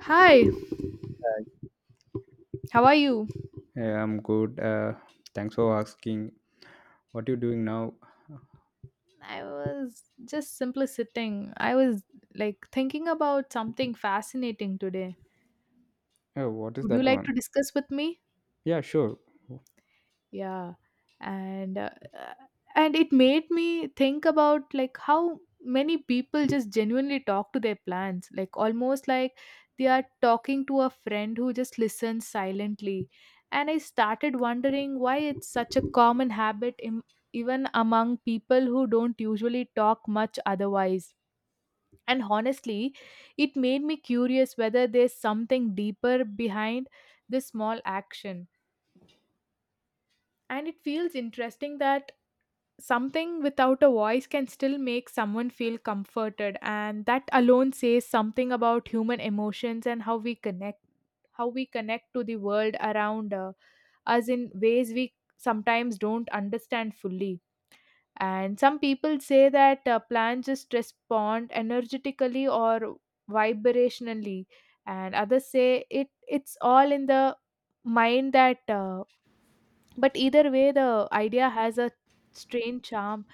Hi, how are you? Yeah, I'm good. Thanks for asking. What you doing now? I was just simply sitting. I was like thinking about something fascinating today. Oh, what is Would you that like one? to discuss with me? Yeah, sure. Yeah, and uh, uh, and it made me think about like how many people just genuinely talk to their plants, like almost like they are talking to a friend who just listens silently, and I started wondering why it's such a common habit, im even among people who don't usually talk much otherwise. And honestly, it made me curious whether there's something deeper behind this small action, and it feels interesting that something without a voice can still make someone feel comforted, and that alone says something about human emotions and how we connect, how we connect to the world around us in ways we sometimes don't understand fully. And some people say that plants just respond energetically or vibrationally, and others say it's all in the mind, that but either way the idea has a strange charm,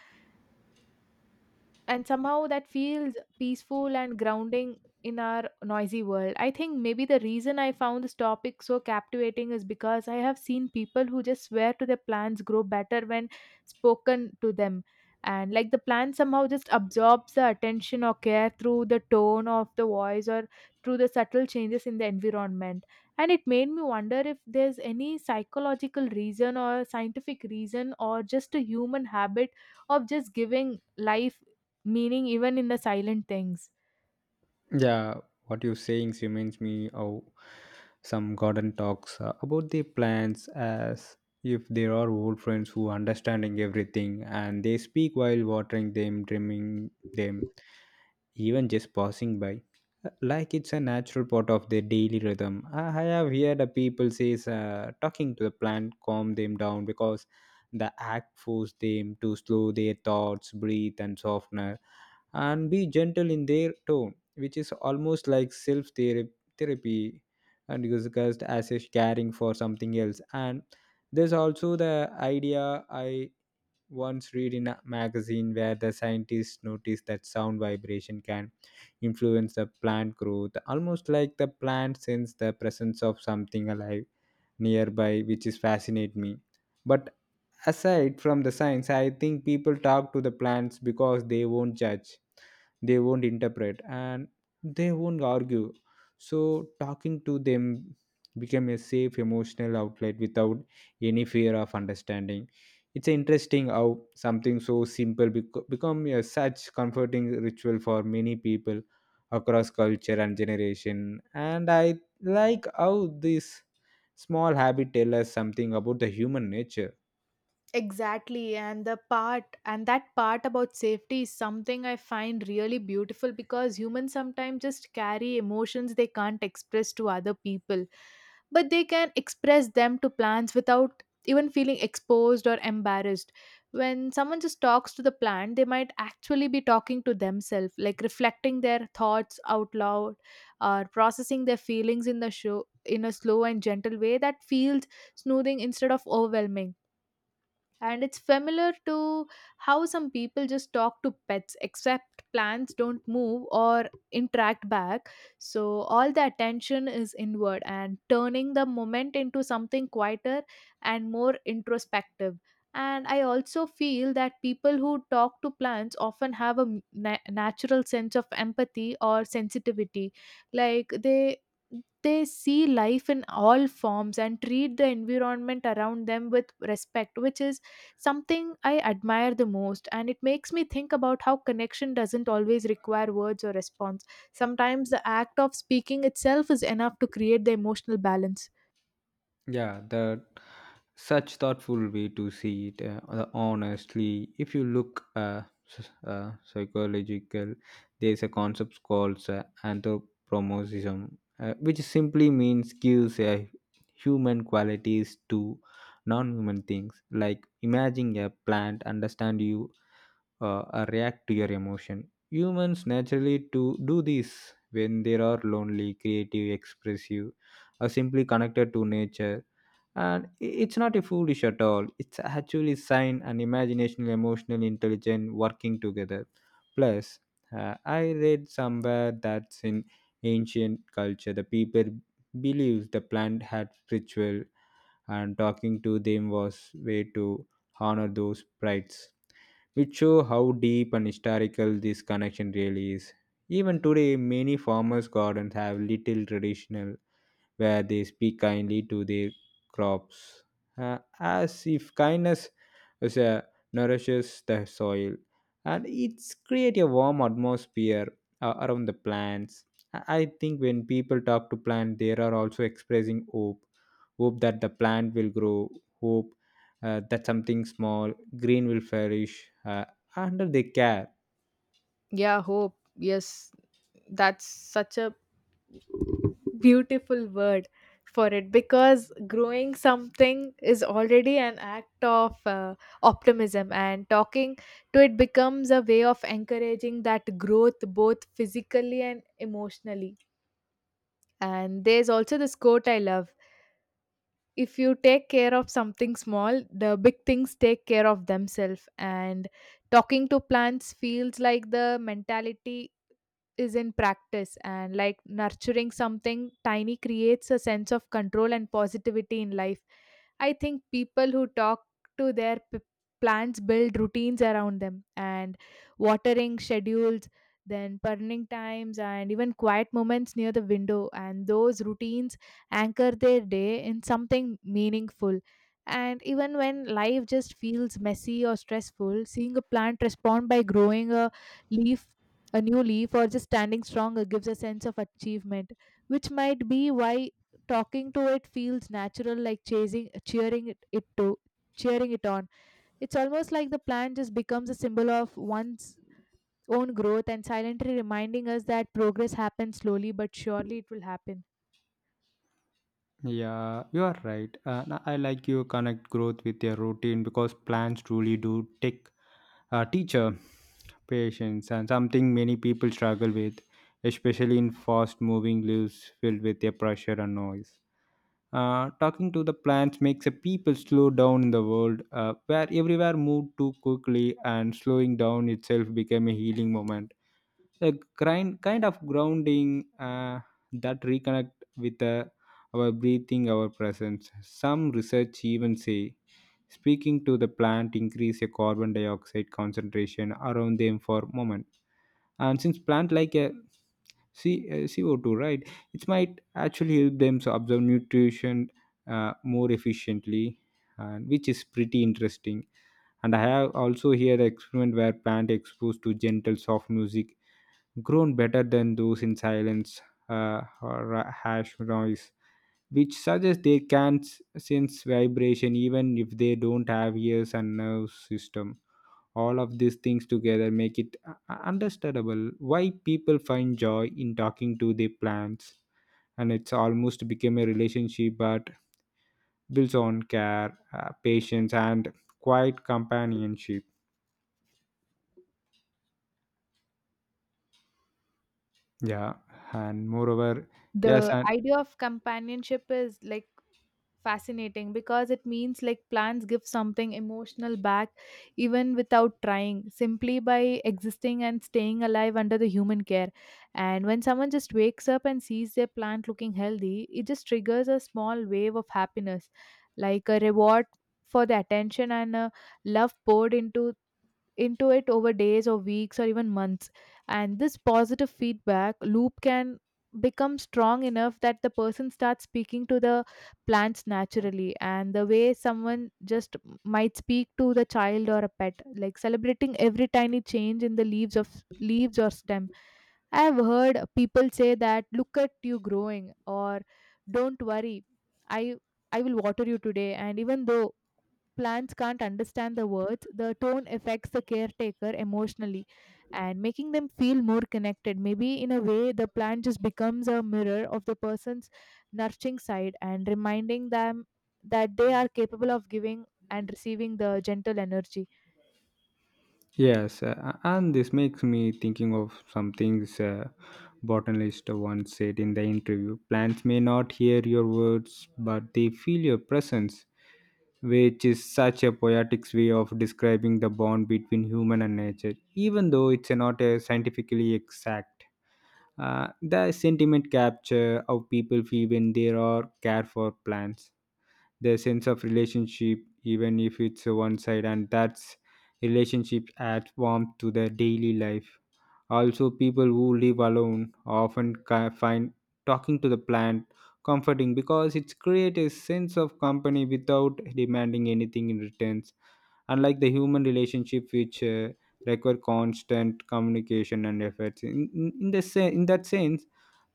and somehow that feels peaceful and grounding in our noisy world. I think maybe the reason I found this topic so captivating is because I have seen people who just swear to their plants grow better when spoken to them. And like, the plant somehow just absorbs the attention or care through the tone of the voice or through the subtle changes in the environment. And it made me wonder if there's any psychological reason or scientific reason or just a human habit of just giving life meaning even in the silent things. Yeah, what you're saying reminds me of some garden talks about the plants as if there are old friends who understanding everything, and they speak while watering them, trimming them, even just passing by. Like it's a natural part of their daily rhythm. I have heard the people says talking to the plant calm them down because the act force them to slow their thoughts, breathe, and soften and be gentle in their tone, which is almost like self therapy and discussed as is caring for something else. And there's also the idea I once read in a magazine where the scientists noticed that sound vibration can influence the plant growth, almost like the plant sense the presence of something alive nearby, which is fascinate me. But aside from the science, I think people talk to the plants because they won't judge, they won't interpret, and they won't argue, so talking to them became a safe emotional outlet without any fear of understanding. It's interesting how something so simple become a such comforting ritual for many people across culture and generation, and I like how this small habit tell us something about the human nature. Exactly. And the part, and that part about safety is something I find really beautiful, because humans sometimes just carry emotions they can't express to other people, but they can express them to plants without even feeling exposed or embarrassed. When someone just talks to the plant, they might actually be talking to themselves, like reflecting their thoughts out loud or processing their feelings in the show in a slow and gentle way that feels soothing instead of overwhelming. And it's familiar to how some people just talk to pets, except plants don't move or interact back, so all the attention is inward and turning the moment into something quieter and more introspective. And I also feel that people who talk to plants often have a natural sense of empathy or sensitivity, like they see life in all forms and treat the environment around them with respect, which is something I admire the most, and it makes me think about how connection doesn't always require words or response. Sometimes the act of speaking itself is enough to create the emotional balance. Yeah, that such thoughtful way to see it. Honestly, if you look psychological, there's a concept called anthropomorphism, which simply means gives human qualities to non-human things. Like imagine a plant understand you, or react to your emotion. Humans naturally to do this when they are lonely, creative, expressive, or simply connected to nature. And it's not a foolish at all, it's actually sign and imagination emotional intelligence working together. Plus, I read somewhere that in ancient culture the people believed the plant had ritual, and talking to them was way to honor those rites, which show how deep and historical this connection really is. Even today, many farmers gardens have little traditional where they speak kindly to their crops, as if kindness is a nourishes the soil, and it's create a warm atmosphere around the plants. I think when people talk to plant, they are also expressing hope, hope that the plant will grow, hope that something small green will flourish under their care. Yeah, hope. Yes, that's such a beautiful word for it, because growing something is already an act of optimism, and talking to it becomes a way of encouraging that growth both physically and emotionally. And there's also this quote I love, if you take care of something small the big things take care of themselves, and talking to plants feels like the mentality is in practice, and like nurturing something tiny creates a sense of control and positivity in life. I think people who talk to their plants build routines around them, and watering schedules, then burning times and even quiet moments near the window, and those routines anchor their day in something meaningful. And even when life just feels messy or stressful, seeing a plant respond by growing a leaf, a new leaf, or just standing strong, gives a sense of achievement, which might be why talking to it feels natural, like chasing cheering it on. It's almost like the plant just becomes a symbol of one's own growth, and silently reminding us that progress happens slowly, but surely it will happen. Yeah, you are right. I like you connect growth with your routine because plants truly do take teacher patience and something many people struggle with, especially in fast moving lives filled with their pressure and noise. Talking to the plants makes the people slow down in the world where everywhere moved too quickly, and slowing down itself became a healing moment, a grind, kind of grounding that reconnect with our breathing, our presence. Some research even say speaking to the plant increase a carbon dioxide concentration around them for a moment. And since plant like a CO2, right, it might actually help them to absorb nutrition more efficiently, and which is pretty interesting. And I have also here an experiment where plant exposed to gentle soft music grown better than those in silence or a harsh noise, which suggests they can sense vibration even if they don't have ears and nerve system. All of these things together make it understandable why people find joy in talking to their plants, and it's almost become a relationship, but builds on care, patience, and quiet companionship. Yeah, and moreover, yes, The and idea of companionship is like fascinating, because it means like plants give something emotional back even without trying, simply by existing and staying alive under the human care. And when someone just wakes up and sees their plant looking healthy, it just triggers a small wave of happiness, like a reward for the attention and a love poured into it over days or weeks or even months. And this positive feedback loop can become strong enough that the person starts speaking to the plants naturally, and the way someone just might speak to the child or a pet, like celebrating every tiny change in the leaves or stem. I have heard people say that, look at you growing, or don't worry, i I will water you today. And even though plants can't understand the words, the tone affects the caretaker emotionally and making them feel more connected. Maybe in a way, the plant just becomes a mirror of the person's nurturing side and reminding them that they are capable of giving and receiving the gentle energy. yes, and this makes me thinking of some things botanist once said in the interview. Plants may not hear your words, but they feel your presence, which is such a poetic way of describing the bond between human and nature, even though it's not scientifically exact. The sentiment capture how people feel when they are care for plants, their sense of relationship, even if it's a one side, and that's relationship adds warmth to their daily life. Also, people who live alone often find talking to the plant comforting because it creates a sense of company without demanding anything in return, unlike the human relationship, which require constant communication and efforts in the in that sense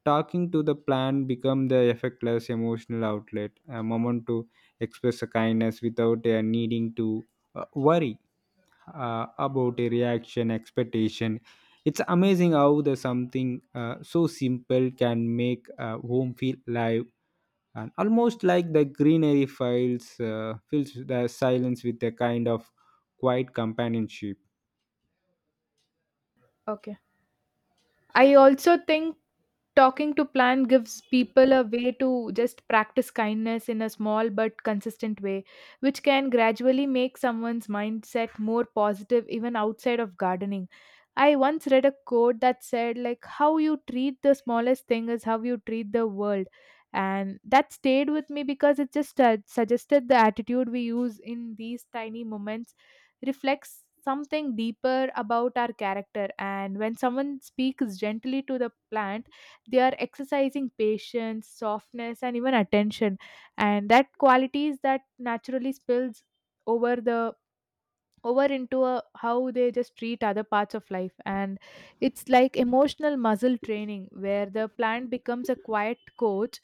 talking to the plant become the effectless emotional outlet, a moment to express a kindness without needing to worry about a reaction expectation. It's amazing how the something so simple can make a home feel live, and almost like the greenery files fills the silence with a kind of quiet companionship. Okay. I also think, talking to plant gives people a way to just practice kindness in a small but consistent way, which can gradually make someone's mindset more positive even outside of gardening. I once read a quote that said, like, how you treat the smallest thing is how you treat the world, and that stayed with me because it just suggested the attitude we use in these tiny moments reflects something deeper about our character, and when someone speaks gently to the plant, they are exercising patience, softness, and even attention, and that qualities that naturally spills over the over into a, how they just treat other parts of life. And it's like emotional muscle training where the plant becomes a quiet coach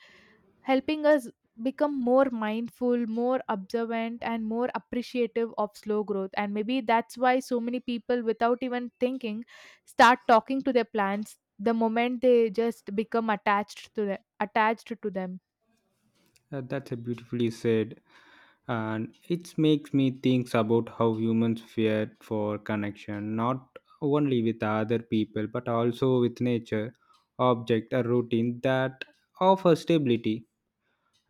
helping us become more mindful, more observant, and more appreciative of slow growth. And maybe that's why so many people, without even thinking, start talking to their plants the moment they just become attached to them. That's a beautifully said, and it makes me think about how humans fear for connection, not only with other people but also with nature, object, a routine that offer stability.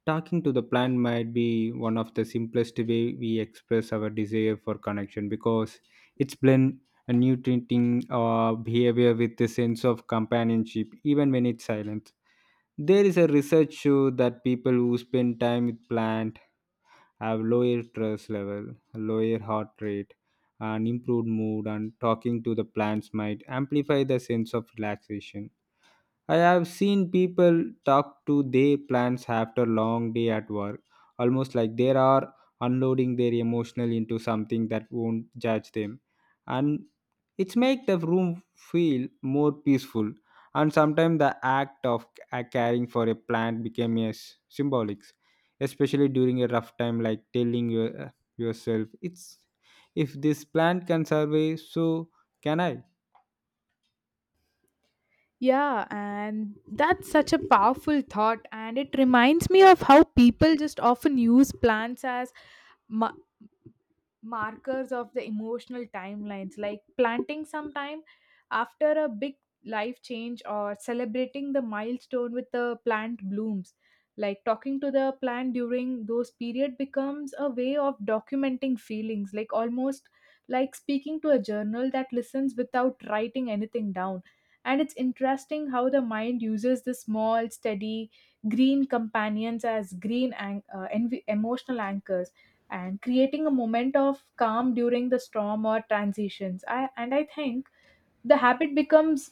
Talking to the plant might be one of the simplest way we express our desire for connection because it's blend a nutrient behavior with the sense of companionship, even when it's silent. There is a research show that people who spend time with plant have lower stress level, lower heart rate, and improved mood. And talking to the plants might amplify the sense of relaxation. I have seen people talk to their plants after long day at work, almost like they are unloading their emotional into something that won't judge them. And it's make the room feel more peaceful. And sometimes the act of caring for a plant became a symbolic, especially during a rough time, like telling your, yourself, "It's if this plant can survive, so can I." Yeah, and that's such a powerful thought, and it reminds me of how people just often use plants as mu- markers of the emotional timelines, like planting sometime after a big life change or celebrating the milestone with the plant blooms. Like talking to the plant during those period becomes a way of documenting feelings, like almost like speaking to a journal that listens without writing anything down. And it's interesting how the mind uses the small steady green companions as emotional anchors and creating a moment of calm during the storm or transitions. I, and I think the habit becomes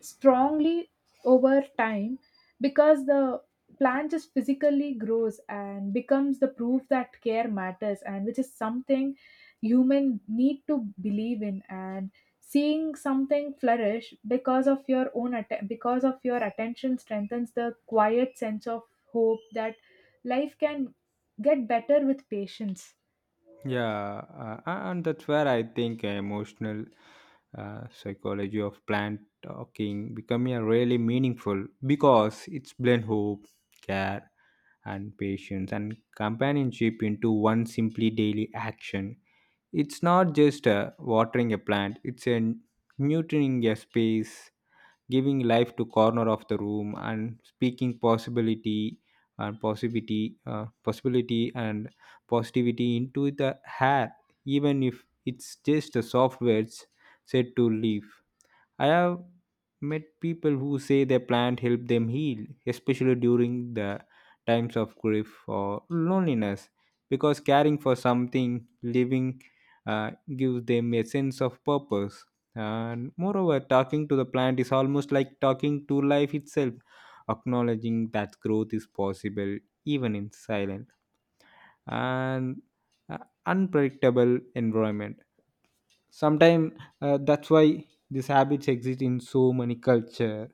strongly over time because the plant just physically grows and becomes the proof that care matters, and which is something human need to believe in. And seeing something flourish because of your own because of your attention strengthens the quiet sense of hope that life can get better with patience. Yeah, and that's where I think emotional psychology of plant talking becoming a really meaningful because it's blend hope, care, and patience and companionship into one simply daily action. It's not just watering a plant; it's a nurturing a space, giving life to corner of the room and speaking possibility and possibility and positivity into the hair, even if it's just a soft words said to leave. I have met people who say their plant helped them heal, especially during the times of grief or loneliness, because caring for something living gives them a sense of purpose. And moreover, talking to the plant is almost like talking to life itself, acknowledging that growth is possible even in silence and uh, unpredictable environment. Sometimes, that's why these habits exist in so many culture,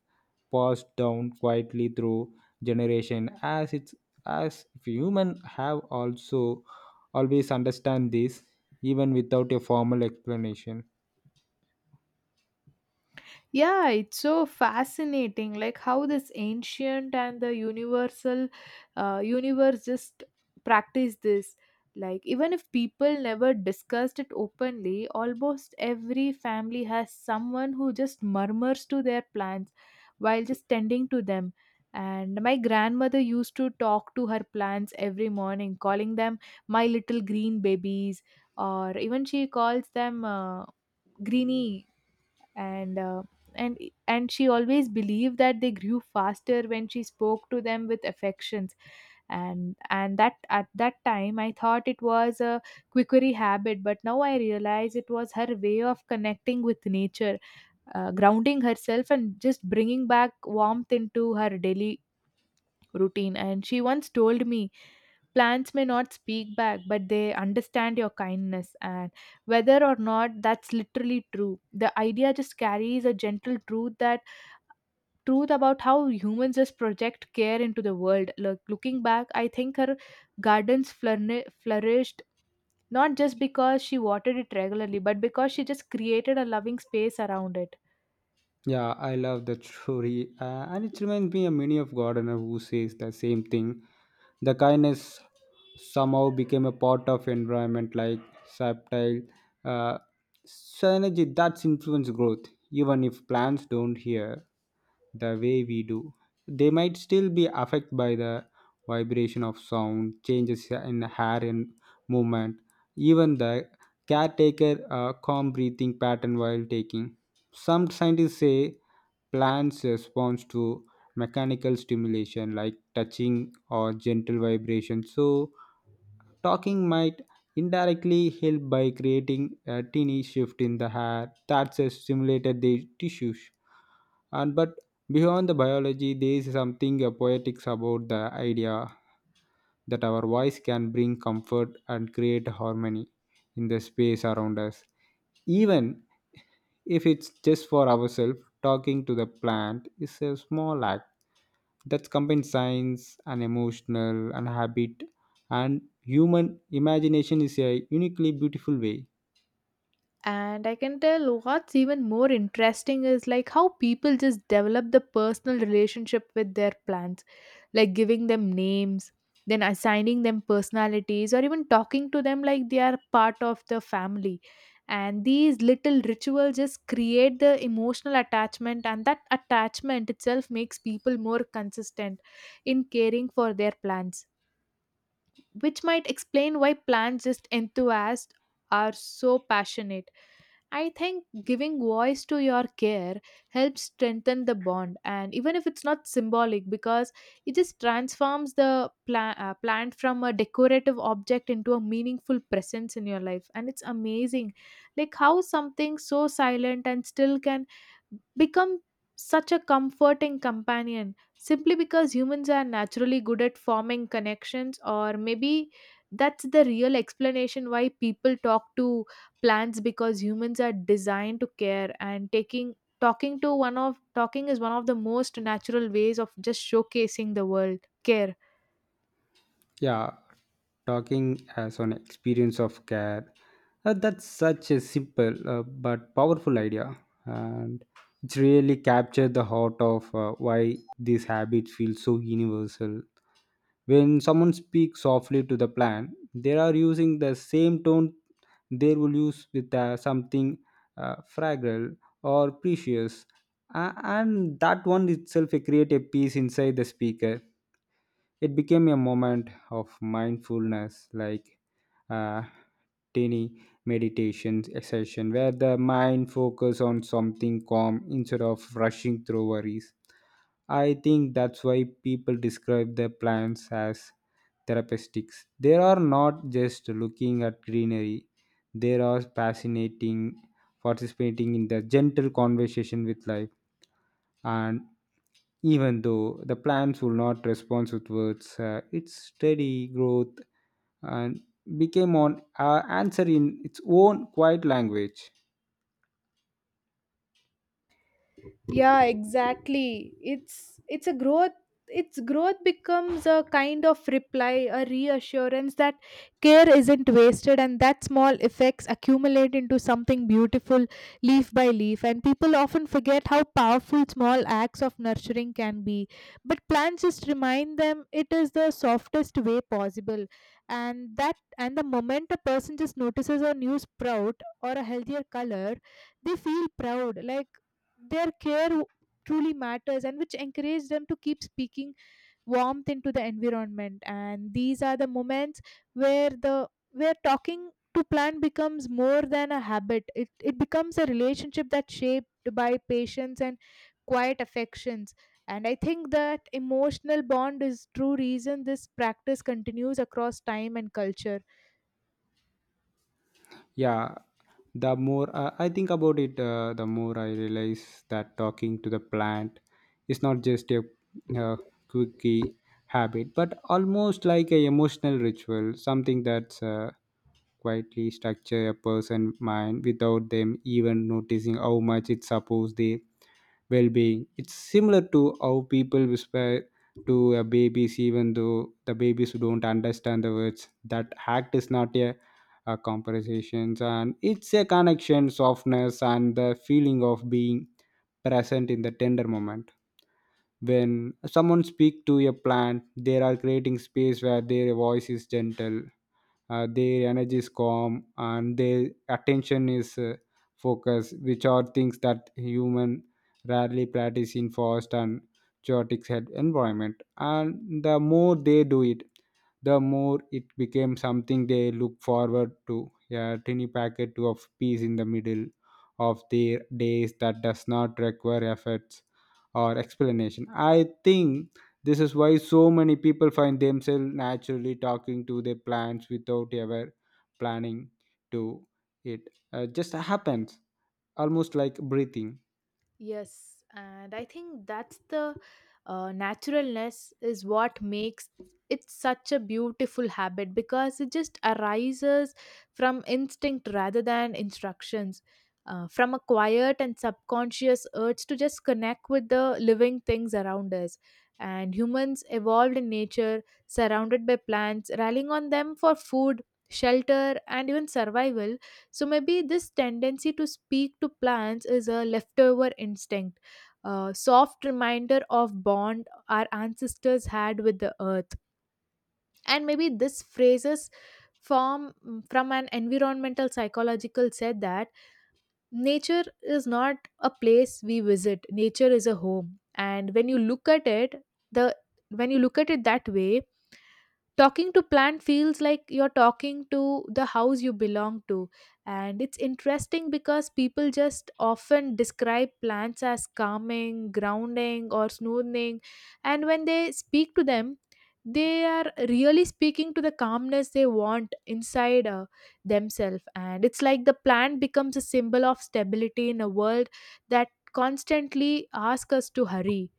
passed down quietly through generation, as it's as if human have also always understand this, even without a formal explanation. Yeah, it's so fascinating, like how this ancient and the universal universe just practice this. Like, even if people never discussed it openly, almost every family has someone who just murmurs to their plants while just tending to them. And my grandmother used to talk to her plants every morning, calling them my little green babies, or even she calls them greeny, and uh, and and she always believed that they grew faster when she spoke to them with affections. And that at that time I thought it was a quickery habit, but now I realize it was her way of connecting with nature, grounding herself and just bringing back warmth into her daily routine. And she once told me, plants may not speak back, but they understand your kindness. And whether or not that's literally true, the idea just carries a gentle truth, that truth about how humans just project care into the world. Looking back, I think her gardens flourished not just because she watered it regularly, but because she just created a loving space around it. Yeah, I love that story, and it reminds me of many of Gardner who says the same thing. The kindness somehow became a part of environment, like subtle uh, synergy that's influence growth, even if plants don't hear the way we do. They might still be affected by the vibration of sound, changes in hair and movement, even the caretaker calm breathing pattern while taking. Some scientists say plants respond to mechanical stimulation like touching or gentle vibration. So talking might indirectly help by creating a tiny shift in the hair that has stimulated the tissues. And but beyond the biology, there is something poetics about the idea that our voice can bring comfort and create harmony in the space around us. Even if it's just for ourselves, talking to the plant is a small act that combines science and emotional and habit, and human imagination is a uniquely beautiful way. And I can tell what's even more interesting is like how people just develop the personal relationship with their plants, like giving them names, then assigning them personalities, or even talking to them like they are part of the family. And these little rituals just create the emotional attachment, and that attachment itself makes people more consistent in caring for their plants, which might explain why plants just enthusiasts are so passionate. I think giving voice to your care helps strengthen the bond, and even if it's not symbolic, because it just transforms the plant from a decorative object into a meaningful presence in your life. And it's amazing, like how something so silent and still can become such a comforting companion, simply because humans are naturally good at forming connections. Or maybe that's the real explanation why people talk to plants, because humans are designed to care, and taking talking to one of talking is one of the most natural ways of just showcasing the world care. Yeah, talking as an experience of care. That's such a simple but powerful idea, and it's really captured the heart of why these habits feel so universal. When someone speaks softly to the plant, they are using the same tone they will use with something fragile or precious. And that one itself create a peace inside the speaker. It became a moment of mindfulness, like uh, tiny meditation session where the mind focus on something calm instead of rushing through worries. I think that's why people describe the plants as therapeutic. They are not just looking at greenery, they are fascinating, participating in the gentle conversation with life. And even though the plants will not respond with words, its steady growth and became an answer in its own quiet language. Yeah, exactly, it's a growth, its growth becomes a kind of reply, a reassurance that care isn't wasted and that small effects accumulate into something beautiful, leaf by leaf. And people often forget how powerful small acts of nurturing can be, but plants just remind them it is the softest way possible. And the moment a person just notices a new sprout or a healthier color, they feel proud, like their care truly matters, and which encourage them to keep speaking warmth into the environment. And these are the moments where talking to plant becomes more than a habit. It becomes a relationship that's shaped by patience and quiet affections. And I think that emotional bond is true reason this practice continues across time and culture. Yeah, the more I think about it, the more I realize that talking to the plant is not just a uh, quickie habit, but almost like a emotional ritual, something that's quietly structure a person's mind without them even noticing how much it supports their well-being. It's similar to how people whisper to a babies, even though the babies don't understand the words. That act is not a conversations, and it's a connection, softness, and the feeling of being present in the tender moment. When someone speak to a plant, they are creating space where their voice is gentle, their energy is calm, and their attention is focused, which are things that human rarely practice in forest and chaotic set environment. And the more they do it, the more it became something they look forward to. A tiny packet of peace in the middle of their days that does not require efforts or explanation. I think this is why so many people find themselves naturally talking to their plants without ever planning to it. Just happens, almost like breathing. Yes, and I think that's the naturalness is what makes it such a beautiful habit, because it just arises from instinct rather than instructions, from a quiet and subconscious urge to just connect with the living things around us. And humans evolved in nature, surrounded by plants, relying on them for food, shelter, and even survival, so maybe this tendency to speak to plants is a leftover instinct, a soft reminder of bond our ancestors had with the earth. And maybe this phrases form from an environmental psychological said that nature is not a place we visit. Nature is a home. And when you look at it, the when you look at it that way, talking to plant feels like you're talking to the house you belong to. And it's interesting because people just often describe plants as calming, grounding, or soothing. And when they speak to them, they are really speaking to the calmness they want inside themselves. And it's like the plant becomes a symbol of stability in a world that constantly asks us to hurry.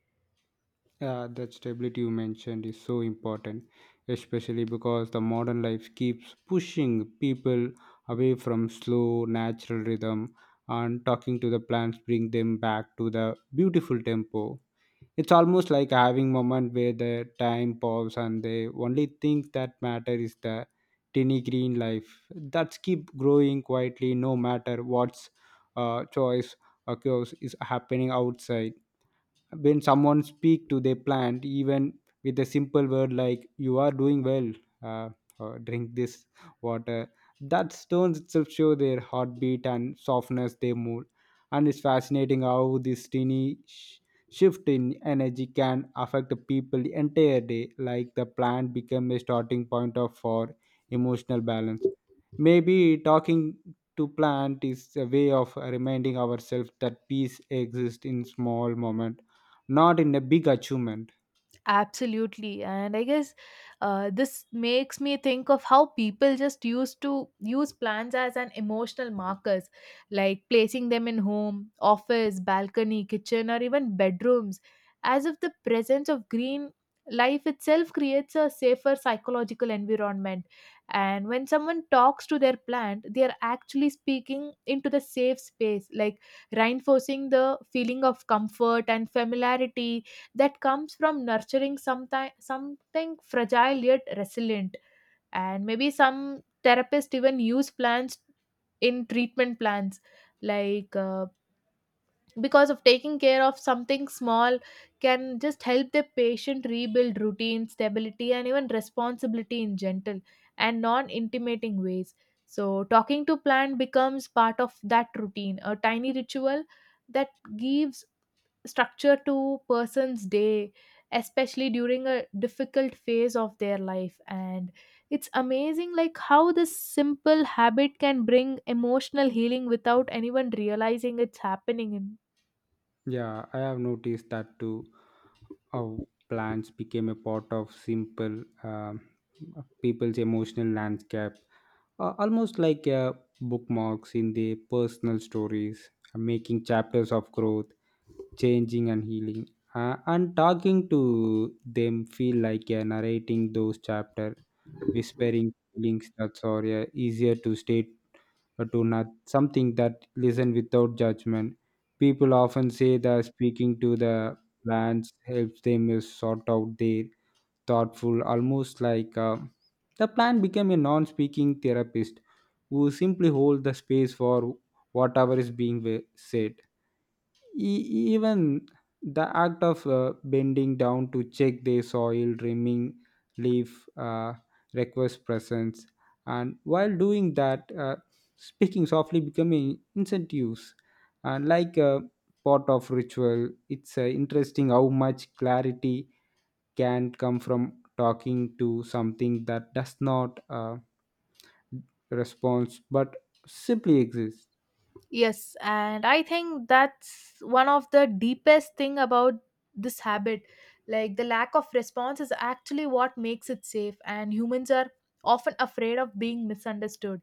Yeah, that stability you mentioned is so important, especially because the modern life keeps pushing people away from slow, natural rhythm, and talking to the plants bring them back to the beautiful tempo. It's almost like having moment where the time pause and the only thing that matter is the tiny green life that's keep growing quietly no matter what's choice occurs is happening outside. When someone speak to their plant, even with a simple word like you are doing well, uh, or drink this water, that stones itself show their heartbeat and softness they move. And it's fascinating how this tiny shift in energy can affect the people the entire day, like the plant become a starting point of for emotional balance. Maybe talking to plant is a way of reminding ourselves that peace exists in small moment, not in a big achievement. Absolutely. And I guess this makes me think of how people just used to use plants as an emotional markers, like placing them in home, office, balcony, kitchen, or even bedrooms, as if the presence of green life itself creates a safer psychological environment. And when someone talks to their plant, they are actually speaking into the safe space, like reinforcing the feeling of comfort and familiarity that comes from nurturing sometime, something fragile yet resilient. And maybe some therapists even use plants in treatment plans, like uh, because of taking care of something small can just help the patient rebuild routine, stability, and even responsibility in gentle and non intimating ways. So, talking to plant becomes part of that routine, a tiny ritual that gives structure to person's day, especially during a difficult phase of their life. And it's amazing, like how this simple habit can bring emotional healing without anyone realizing it's happening in. Yeah, I have noticed that too. How plants became a part of simple people's emotional landscape, almost like bookmarks in their personal stories, making chapters of growth, changing and healing. And talking to them feel like narrating those chapters, whispering feelings that's are easier to state or to not something that listen without judgment. People often say that speaking to the plants helps them sort out their thoughtful, almost like the plant became a non-speaking therapist who simply hold the space for whatever is being said. Even the act of bending down to check the soil, trimming leaf, requires presence, and while doing that, speaking softly becoming incentives, and like a part of ritual. It's interesting how much clarity can come from talking to something that does not respond but simply exists. Yes, and I think that's one of the deepest thing about this habit, like the lack of response is actually what makes it safe. And humans are often afraid of being misunderstood,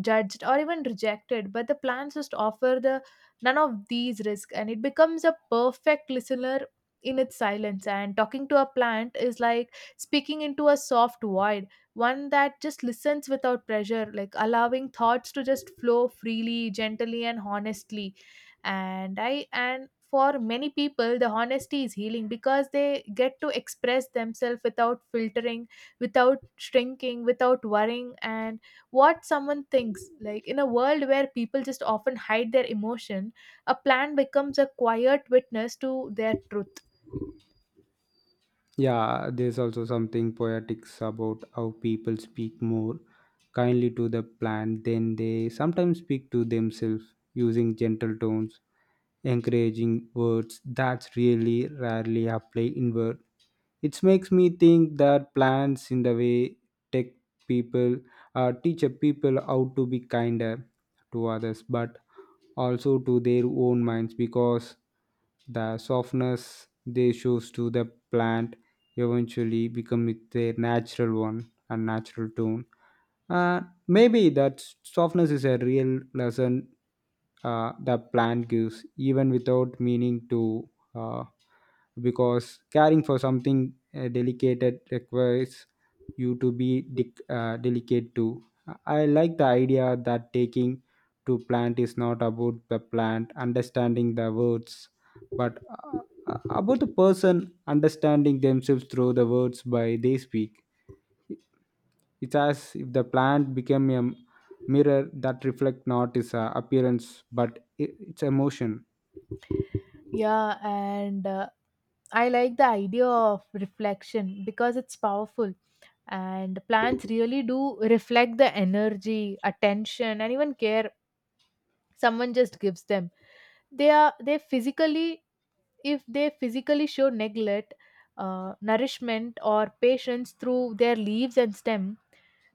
judged, or even rejected, but the plants just offer the none of these risks, and it becomes a perfect listener in its silence. And talking to a plant is like speaking into a soft void, one that just listens without pressure, like allowing thoughts to just flow freely, gently, and honestly. And for many people the honesty is healing, because they get to express themselves without filtering, without shrinking, without worrying and what someone thinks. Like in a world where people just often hide their emotion, a plan becomes a quiet witness to their truth. Yeah, there's also something poetic about how people speak more kindly to the plant than they sometimes speak to themselves, using gentle tones, encouraging words that's really rarely applied inward. It makes me think that plants, in the way, take people, teach a people how to be kinder to others, but also to their own minds, because the softness they shows to the plant eventually become their natural one and natural tone. uh, Maybe that softness is a real lesson the plant gives, even without meaning to, uh, because caring for something delicate requires you to be delicate too. I like the idea that taking to plant is not about the plant understanding the words, but about the person understanding themselves through the words by they speak. It's as if the plant became a mirror that reflect not its appearance but its emotion. Yeah, and I like the idea of reflection because it's powerful. And plants really do reflect the energy, attention, and even care someone just gives them. They are they physically If they physically show neglect, nourishment, or patience through their leaves and stem.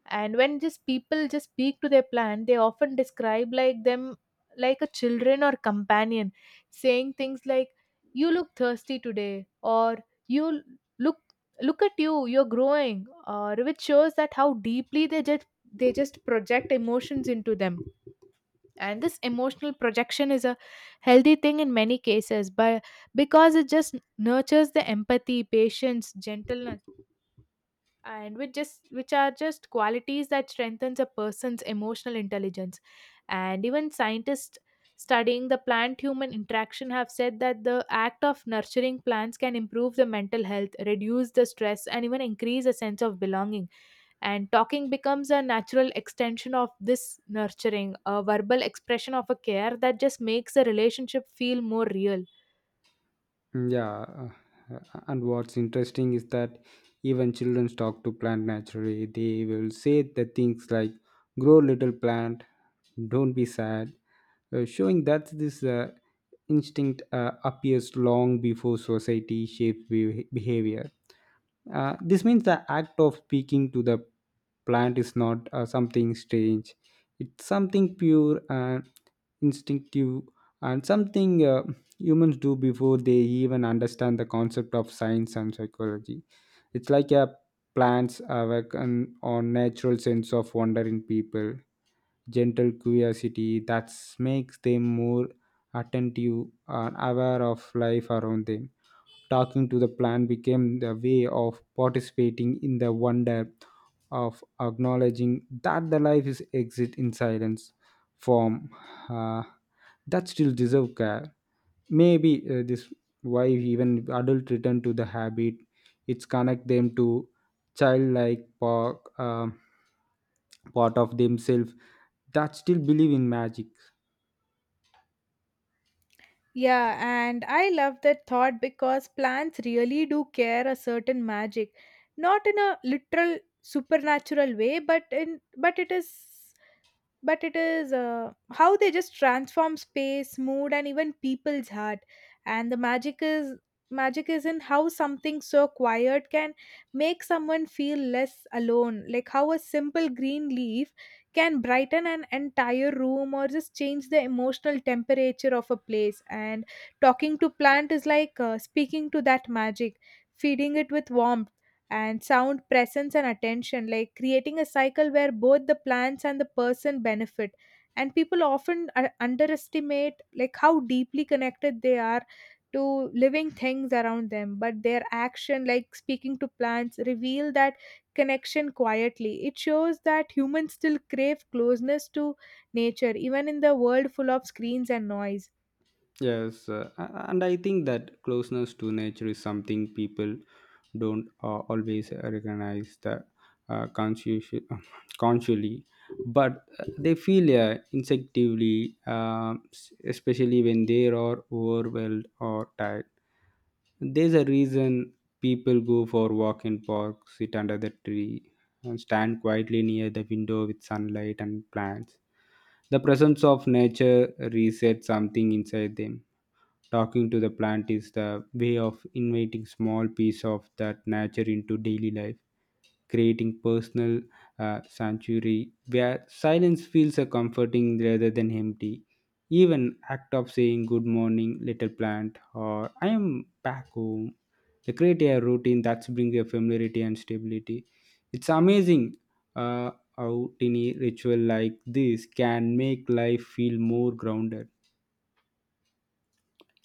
And when just people just speak to their plant, they often describe like them, like a children or companion, saying things like "You look thirsty today," or "You look look at you, you're growing," or which shows that how deeply they just project emotions into them. And this emotional projection is a healthy thing in many cases, but because it just nurtures the empathy, patience, gentleness, and which are just qualities that strengthens a person's emotional intelligence. And even scientists studying the plant human interaction have said that the act of nurturing plants can improve the mental health, reduce the stress, and even increase a sense of belonging. And talking becomes a natural extension of this nurturing, a verbal expression of a care that just makes the relationship feel more real. Mm, yeah, uh, and what's interesting is that even children talk to plant naturally. They will say the things like "grow little plant," "don't be sad," showing that this instinct appears long before society shapes behavior. This means the act of speaking to the plant is not something strange. It's something pure and instinctive, and something humans do before they even understand the concept of science and psychology. It's like a plant's awaken on natural sense of wonder in people, gentle curiosity that makes them more attentive and aware of life around them. Talking to the plant became the way of participating in the wonder, of acknowledging that the life is exit in silence form uh, that still deserve care. Maybe this why even adult return to the habit, it's connect them to childlike part, part of themselves that still believe in magic. Yeah, and I love that thought because plants really do care a certain magic, not in a literal supernatural way, but in but it is how they just transform space, mood, and even people's heart. And the magic is in how something so quiet can make someone feel less alone, like how a simple green leaf can brighten an entire room or just change the emotional temperature of a place. And talking to plant is like speaking to that magic, feeding it with warmth and sound presence and attention, like creating a cycle where both the plants and the person benefit. And people often underestimate, like how deeply connected they are to living things around them, but their action like speaking to plants reveal that connection quietly. It shows that humans still crave closeness to nature, even in the world full of screens and noise. Yes, and I think that closeness to nature is something people don't always recognize that uh, conscious- consciously, but they feel instinctively, especially when they are overwhelmed or tired. There's a reason people go for walk in park, sit under the tree, and stand quietly near the window with sunlight and plants. The presence of nature resets something inside them. Talking to the plant is the way of inviting small piece of that nature into daily life, creating personal sanctuary where silence feels a comforting rather than empty. Even act of saying good morning, little plant, or I am back home, they create a routine that brings a familiarity and stability. It's amazing uh, how tiny ritual like this can make life feel more grounded.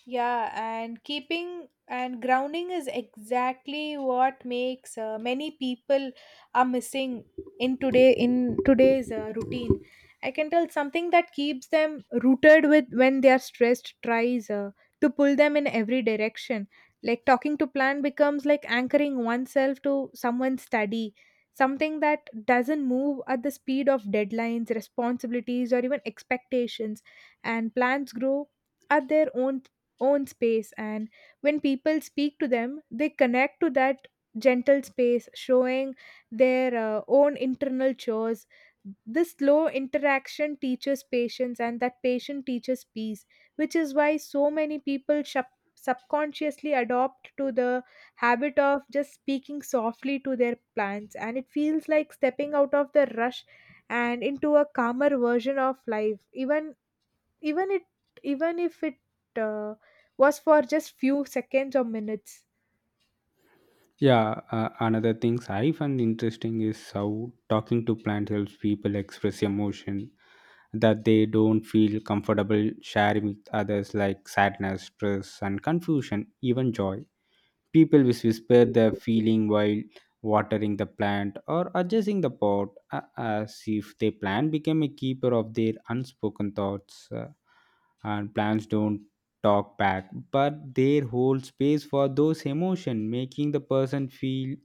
Yeah, and keeping and grounding is exactly what makes many people are missing in today's routine. I can tell something that keeps them rooted with when they are stressed tries to pull them in every direction. Like talking to plant becomes like anchoring oneself to someone's study, something that doesn't move at the speed of deadlines, responsibilities, or even expectations. And plants grow at their own space, and when people speak to them they connect to that gentle space, showing their own internal chores. This slow interaction teaches patience, and that patience teaches peace, which is why so many people subconsciously adopt to the habit of just speaking softly to their plants. And it feels like stepping out of the rush and into a calmer version of life, even it even if it uh, was for just few seconds or minutes. Yeah, another things I find interesting is how talking to plants helps people express emotion that they don't feel comfortable sharing with others, like sadness, stress, and confusion, even joy. People will whisper their feeling while watering the plant or adjusting the pot, as if the plant became a keeper of their unspoken thoughts. And plants don't talk back, but they hold space for those emotions, making the person feel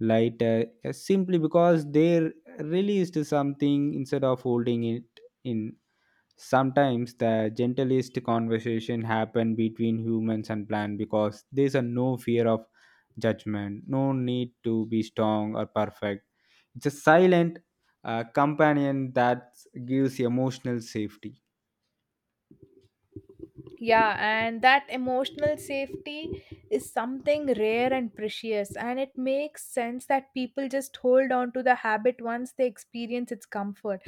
lighter, simply because they released something instead of holding it in. Sometimes the gentlest conversation happen between humans and plant because there's a no fear of judgment, no need to be strong or perfect. It's a silent companion that gives emotional safety. Yeah, and that emotional safety is something rare and precious, and it makes sense that people just hold on to the habit once they experience its comfort.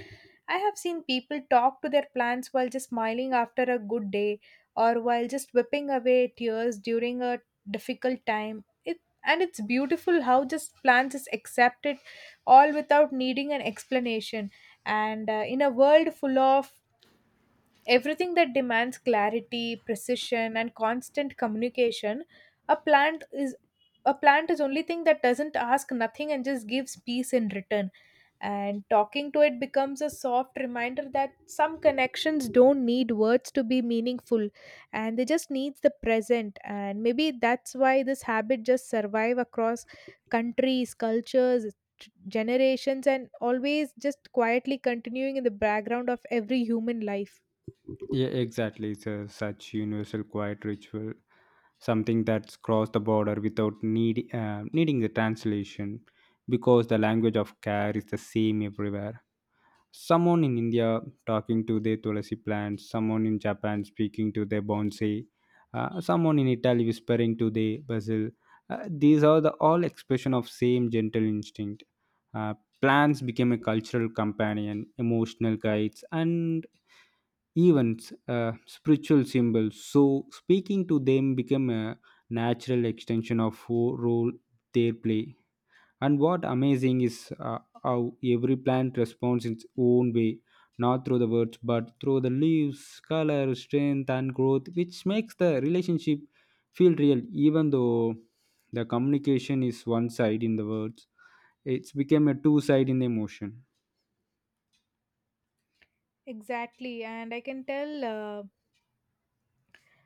I have seen people talk to their plants while just smiling after a good day, or while just whipping away tears during a difficult time. It and it's beautiful how just plants is accepted all without needing an explanation. And in a world full of everything that demands clarity, precision, and constant communication, a plant is a plant is only thing that doesn't ask nothing and just gives peace in return. And talking to it becomes a soft reminder that some connections don't need words to be meaningful, and they just needs the present. And maybe that's why this habit just survive across countries, cultures, generations, and always just quietly continuing in the background of every human life. Yeah, exactly. It's a such universal quiet ritual, something that's crossed the border without need, needing the translation because the language of care is the same everywhere. Someone in India talking to their tulasi plants, someone in Japan speaking to their bonsai, someone in Italy whispering to their basil. These are the all expression of same gentle instinct. Uh, Plants became a cultural companion, emotional guides, and even spiritual symbols. So speaking to them became a natural extension of who role they play. And what amazing is how every plant responds in its own way, not through the words, but through the leaves, color, strength, and growth, which makes the relationship feel real, even though the communication is one side in the words. It's became a two side in the emotion. Exactly, and I can tell.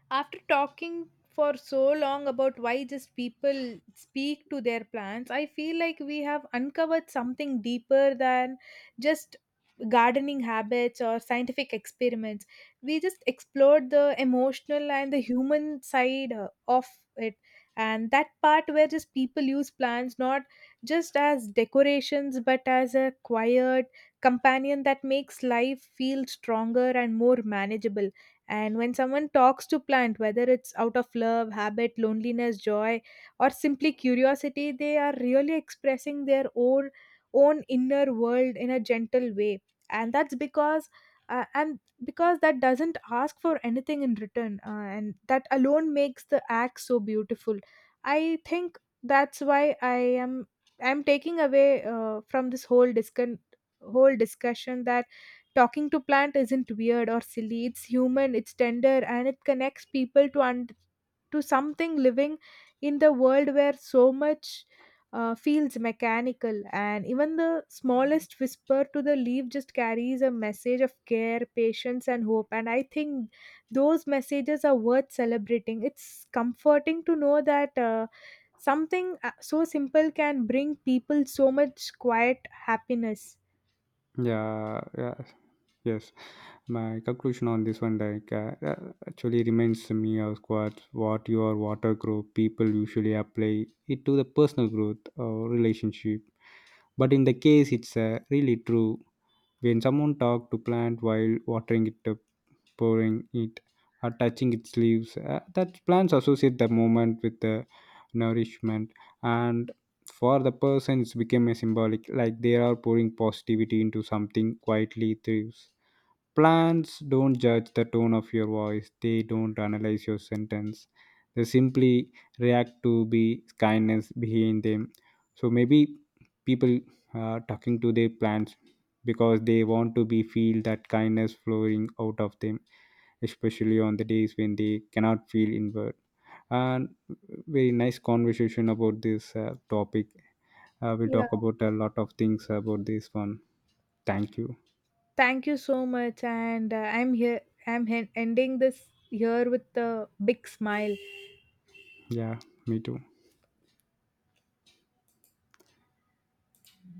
After talking for so long about why just people speak to their plants, I feel like we have uncovered something deeper than just gardening habits or scientific experiments. We just explored the emotional and the human side of it. And that part where just people use plants not just as decorations but as a quiet companion that makes life feel stronger and more manageable. And when someone talks to plant, whether it's out of love, habit, loneliness, joy, or simply curiosity, they are really expressing their own inner world in a gentle way. And that's because that doesn't ask for anything in return, and that alone makes the act so beautiful. I think that's why am I'm taking away from this whole discussion that talking to plant isn't weird or silly. It's human, it's tender, and it connects people to to something living in the world where so much feels mechanical. And even the smallest whisper to the leaf just carries a message of care, patience, and hope. And I think those messages are worth celebrating. It's comforting to know that. Something so simple can bring people so much quiet happiness. Yeah, yeah, yes. My conclusion on this one, like, actually reminds me of what your water group people usually apply it to the personal growth or relationship. But in the case, it's really true. When someone talks to plant while watering it, pouring it, or touching its leaves, that plants associate the moment with the nourishment. And for the person, it's become a symbolic, like they are pouring positivity into something quietly thrives. Plants don't judge the tone of your voice, they don't analyze your sentence. They simply react to be kindness behind them. So maybe people are talking to their plants because they want to be feel that kindness flowing out of them, especially on the days when they cannot feel inward. And very nice conversation about this topic. We'll Yeah. talk about a lot of things about this one. Thank you. Thank you so much, and I'm here. I'm hen ending this here with a big smile. Yeah, me too.